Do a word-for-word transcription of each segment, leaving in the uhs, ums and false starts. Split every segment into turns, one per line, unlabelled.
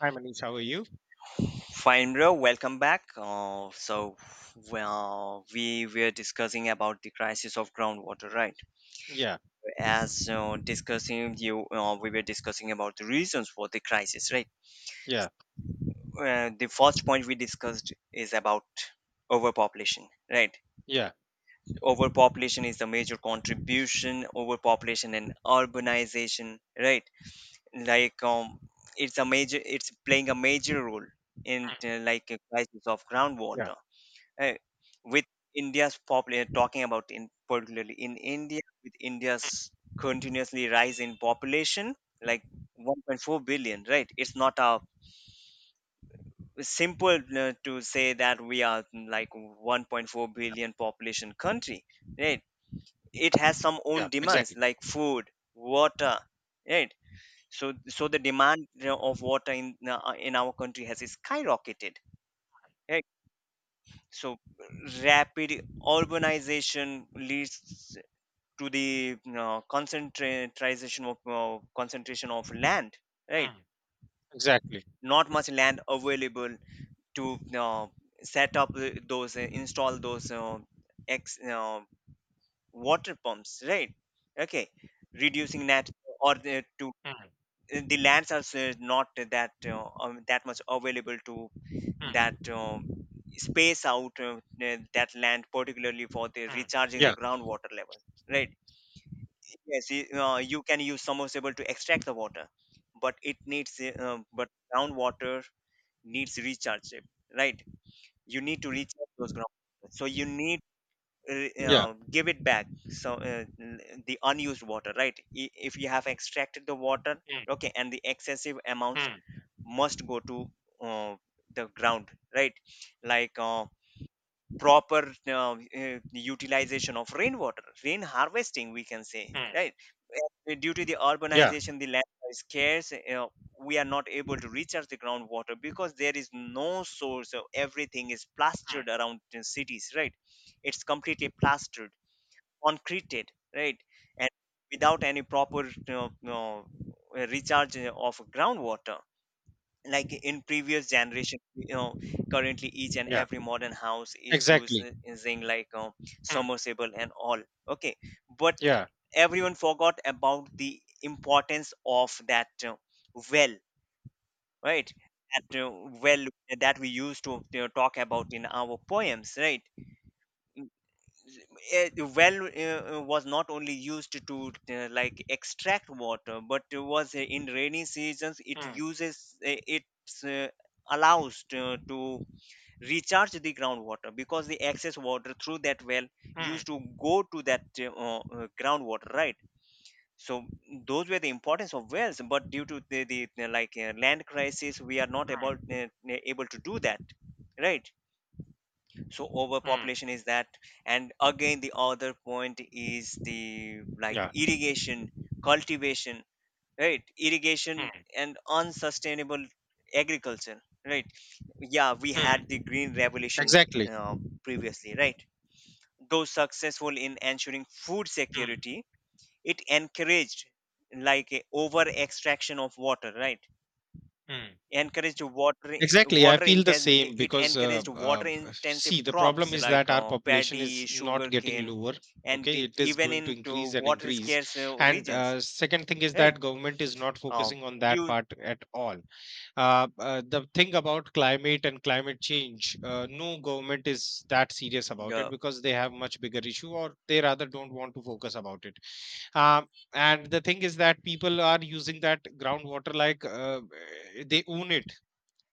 Hi, Manish. How are you?
Fine, bro. Welcome back. Uh, so, well, we were discussing about the crisis of groundwater, right?
Yeah,
As uh, discussing you, uh, we were discussing about the reasons for the crisis, right?
yeah,
Uh, the first point we discussed is about overpopulation, right?
yeah,
Overpopulation is the major contribution. Overpopulation and urbanization, right? Like, um, it's a major. It's playing a major role in
mm,
uh, like a crisis of
yeah,
groundwater uh, with India's popular talking about, in particularly in India, with India's continuously rise in population, like one point four billion, right? It's not a simple uh, to say that we are, mm, like, one point four billion population country, right? It has some
yeah.
own demands,
Exactly.
like food, water, right? So so the demand, you know, of water in uh, in our country has skyrocketed, right? So rapid urbanization leads to the you concentration of uh, concentration of land, right?
Mm, exactly.
Not much land available to you set up uh, those uh, install those uh, ex you water pumps, right? Okay, reducing that or the, to
Mm,
the lands are uh, not that uh, um, that much available to
mm,
that um, space out uh, uh, that land, particularly for the
mm.
recharging
Yeah,
the groundwater level, right? Yes, y- uh, you can use submersible to extract the water, but it needs uh, uh, but groundwater needs recharge, right? You need to recharge those ground, so you need uh,
yeah,
uh, give it back. So uh, n- the unused water, right? I- if you have extracted the water,
mm,
okay, and the excessive amounts
mm,
must go to uh, the ground, right? Like uh, proper uh, uh, utilization of rainwater, rain harvesting we can say,
mm.
right? Uh, due to the
Yeah,
urbanization the land is scarce, you know, we are not able to recharge the groundwater because there is no source, so everything is plastered
mm,
around the cities, right? It's completely plastered, concreted, right? And without any proper you know, you know, recharge of groundwater, like in previous generation, you know, currently each and
yeah.
every modern house is
Exactly.
using using like uh,
Mm,
submersible and all, okay, but
yeah,
everyone forgot about the importance of that uh, well, right? that uh, well, that we used to, you know, talk about in our poems, right? A well uh, was not only used to uh, like extract water, but it was uh, in rainy seasons it
mm,
uses, uh, it's uh, allows to, to recharge the groundwater, because the excess water through that well
mm,
used to go to that uh, uh, groundwater, right? So those were the importance of wells, but due to the, the, the like uh, land crisis we are not
mm,
able uh, able to do that, right? So
mm.
overpopulation is that. And again the other point is the, like,
Yeah,
irrigation, cultivation, right? Irrigation
mm,
and unsustainable agriculture, right? Yeah, we
mm.
had the green revolution
Exactly.
uh, previously, right? Though successful in ensuring food
Mm,
security, it encouraged like a over extraction of water, right?
mm.
Encouraged water,
Exactly. I
water
feel the
intense
same
it
because, uh,
encouraged
uh,
water intensive
see, the
crops
problem is
like
that our
uh,
population
paddy,
is not getting
sugarcane,
lower.
and
Okay.
the-
It is
even
going to
into
increase and
water
increase.
scarce uh,
And
regions,
uh, second thing is
right?
that government is not
uh,
focusing on
you
that part at all. Uh, uh, the thing about climate and climate change, uh, no government is that serious about it
Yeah.
because they have much bigger issue, or they rather don't want to focus about it. Um, and the thing is that people are using that groundwater, like uh, they own it,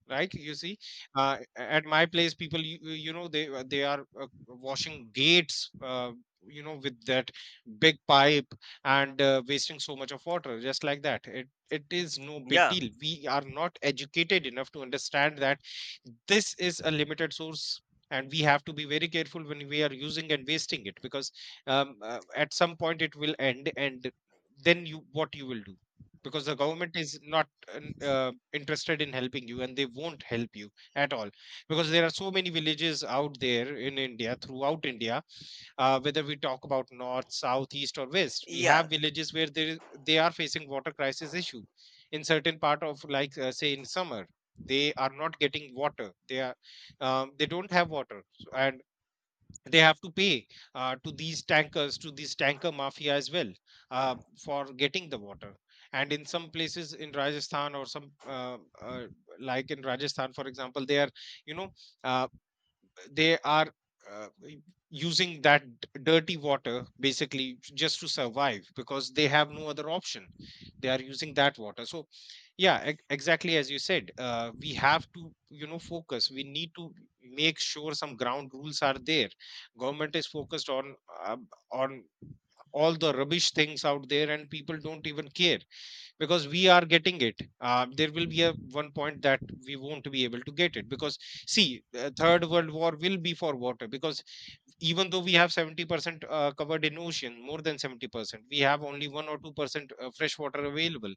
right? You see, uh, at my place, people, you, you know they, uh, they are uh, washing gates, uh, you know, with that big pipe, and uh, wasting so much of water just like that. It it is no big
Yeah.
deal. We are not educated enough to understand that this is a limited source, and we have to be very careful when we are using and wasting it, because um, uh, at some point it will end, and then you, what you will do? Because the government is not an- uh, interested in helping you, and they won't help you at all, because there are so many villages out there in India, throughout India, uh, whether we talk about north, south, east or west. We
Yeah.
have villages where they they are facing water crisis issue. In certain part of, like uh, say in summer, they are not getting water. They are, um, they don't have water. So and they have to pay, uh, to these tankers, to these tanker mafia as well, uh, for getting the water. And in some places in Rajasthan, or some uh, uh, like in Rajasthan, for example, they are, you know, uh, they are uh, using that d- dirty water, basically just to survive, because they have no other option. They are using that water. So yeah, e- exactly, as you said, uh, we have to, you know, focus. We need to make sure some ground rules are there. Government is focused on, uh, on all the rubbish things out there, and people don't even care, because we are getting it. Uh, there will be a one point that we won't be able to get it, because, see, uh, third world war will be for water, because even though we have seventy percent uh, covered in ocean, more than seventy percent, we have only one or two percent uh, fresh water available,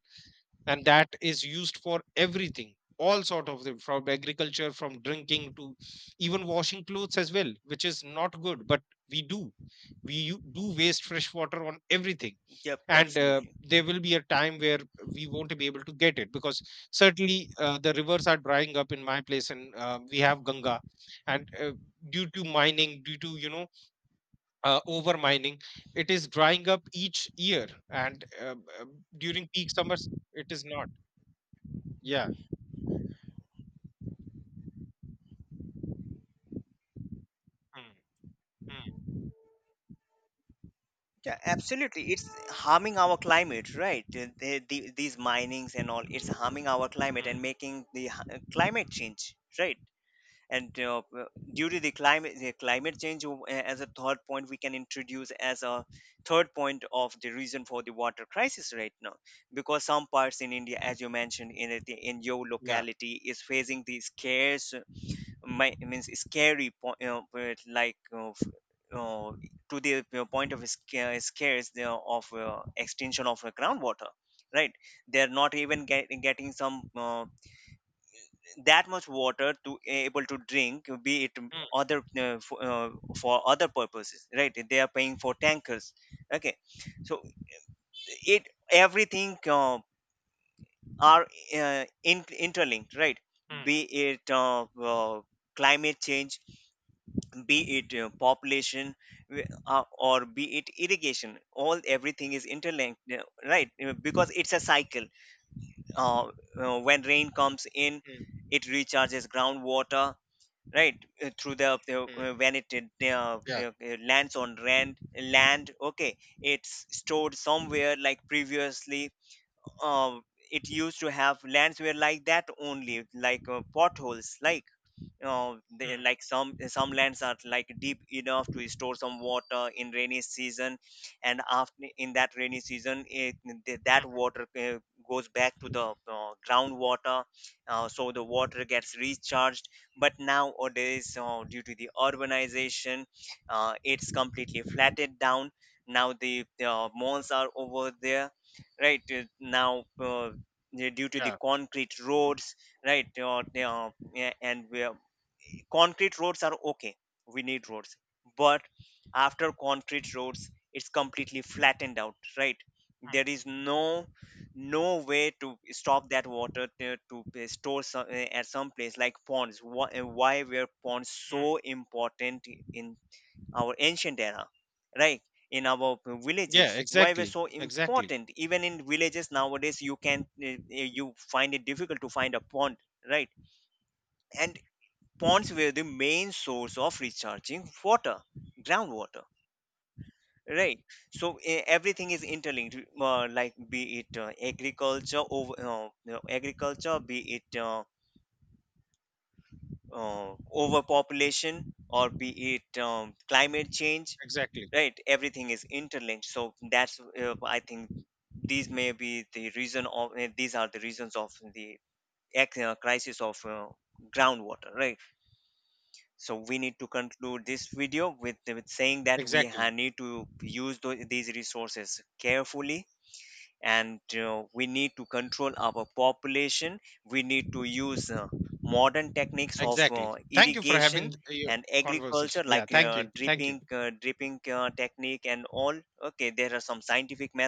and that is used for everything, all sort of thing, from agriculture, from drinking to even washing clothes as well, which is not good, but we do, we u- do waste fresh water on everything.
Yep,
And uh,
absolutely.
there will be a time where we won't be able to get it, because certainly uh, the rivers are drying up in my place, and uh, we have Ganga, and uh, due to mining, due to, you know, uh, over mining, it is drying up each year, and uh, uh, during peak summers it is not. Yeah, mm, mm,
Yeah, absolutely, it's harming our climate, right? The, the, the- these minings and all, it's harming our climate and
mm,
making the h- climate change, right? And uh, uh, due to the climate, the climate change, uh, as a third point we can introduce as a third point of the reason for the water crisis right now. Because some parts in india, as you mentioned, in it, in your
yeah,
locality, is facing the scarce uh, mi- means scary point, you know, uh, like uh, f- uh, to the uh, point of sca- scarce, you know, of uh, extinction of uh, groundwater, right? They're not even get, getting some uh, that much water to able to drink, be it
mm,
other uh, for, uh, for other purposes, right? They are paying for tankers, okay. So it everything uh, are uh, in, interlinked, right?
mm,
Be it uh, uh, climate change, be it uh, population, w- uh, or be it irrigation, all, everything is interlinked uh, right. Uh, because it's a cycle. uh, uh, when rain comes in,
mm,
it recharges groundwater, right? Uh, through the
mm,
uh, when it uh, uh,
yeah,
uh, lands on land land okay, it's stored somewhere, like previously, um it used to have, lands were like that only, like uh, potholes, like uh, they,
mm,
like some some lands are like deep enough to store some water in rainy season, and after in that rainy season it, th- that
mm,
water uh, goes back to the uh, groundwater, uh, so the water gets recharged. But nowadays uh, due to the urbanization, uh, it's completely flattened down. Now the uh, malls are over there, right? uh, now uh, due to the
yeah,
concrete roads, right? Uh, they are- yeah, and we are, concrete roads are okay, we need roads, but after concrete roads it's completely flattened out, right?
mm,
There is no no way to stop that water to, to be store some, eh, at some place, like ponds. Why, eh, why were ponds
mm.
so important in our ancient era, right? In our
Yeah,
villages, why were
exactly,
so
exactly,
important? Even in villages nowadays you can, eh, eh, you find it difficult to find a pond, right? And ponds were the main source of recharging water, groundwater, right? So e- everything is interlinked, uh, like be it uh, agriculture, over, uh, you know, agriculture, be it uh, uh, overpopulation, or be it um, climate change,
exactly,
right? Everything is interlinked. So that's uh, I think these may be the reason of uh, these are the reasons of the ex- uh, crisis of uh, groundwater, right? So we need to conclude this video with, with saying that we ha-
exactly.
need to use tho- these resources carefully, and uh, we need to control our population, we need to use uh, modern techniques of
Exactly.
uh,
Thank you for
irrigation
having your
and
conversation.
agriculture,
Yeah,
like
thank
uh,
you. Thank you.
dripping uh, dripping uh, technique and all, okay. There are some scientific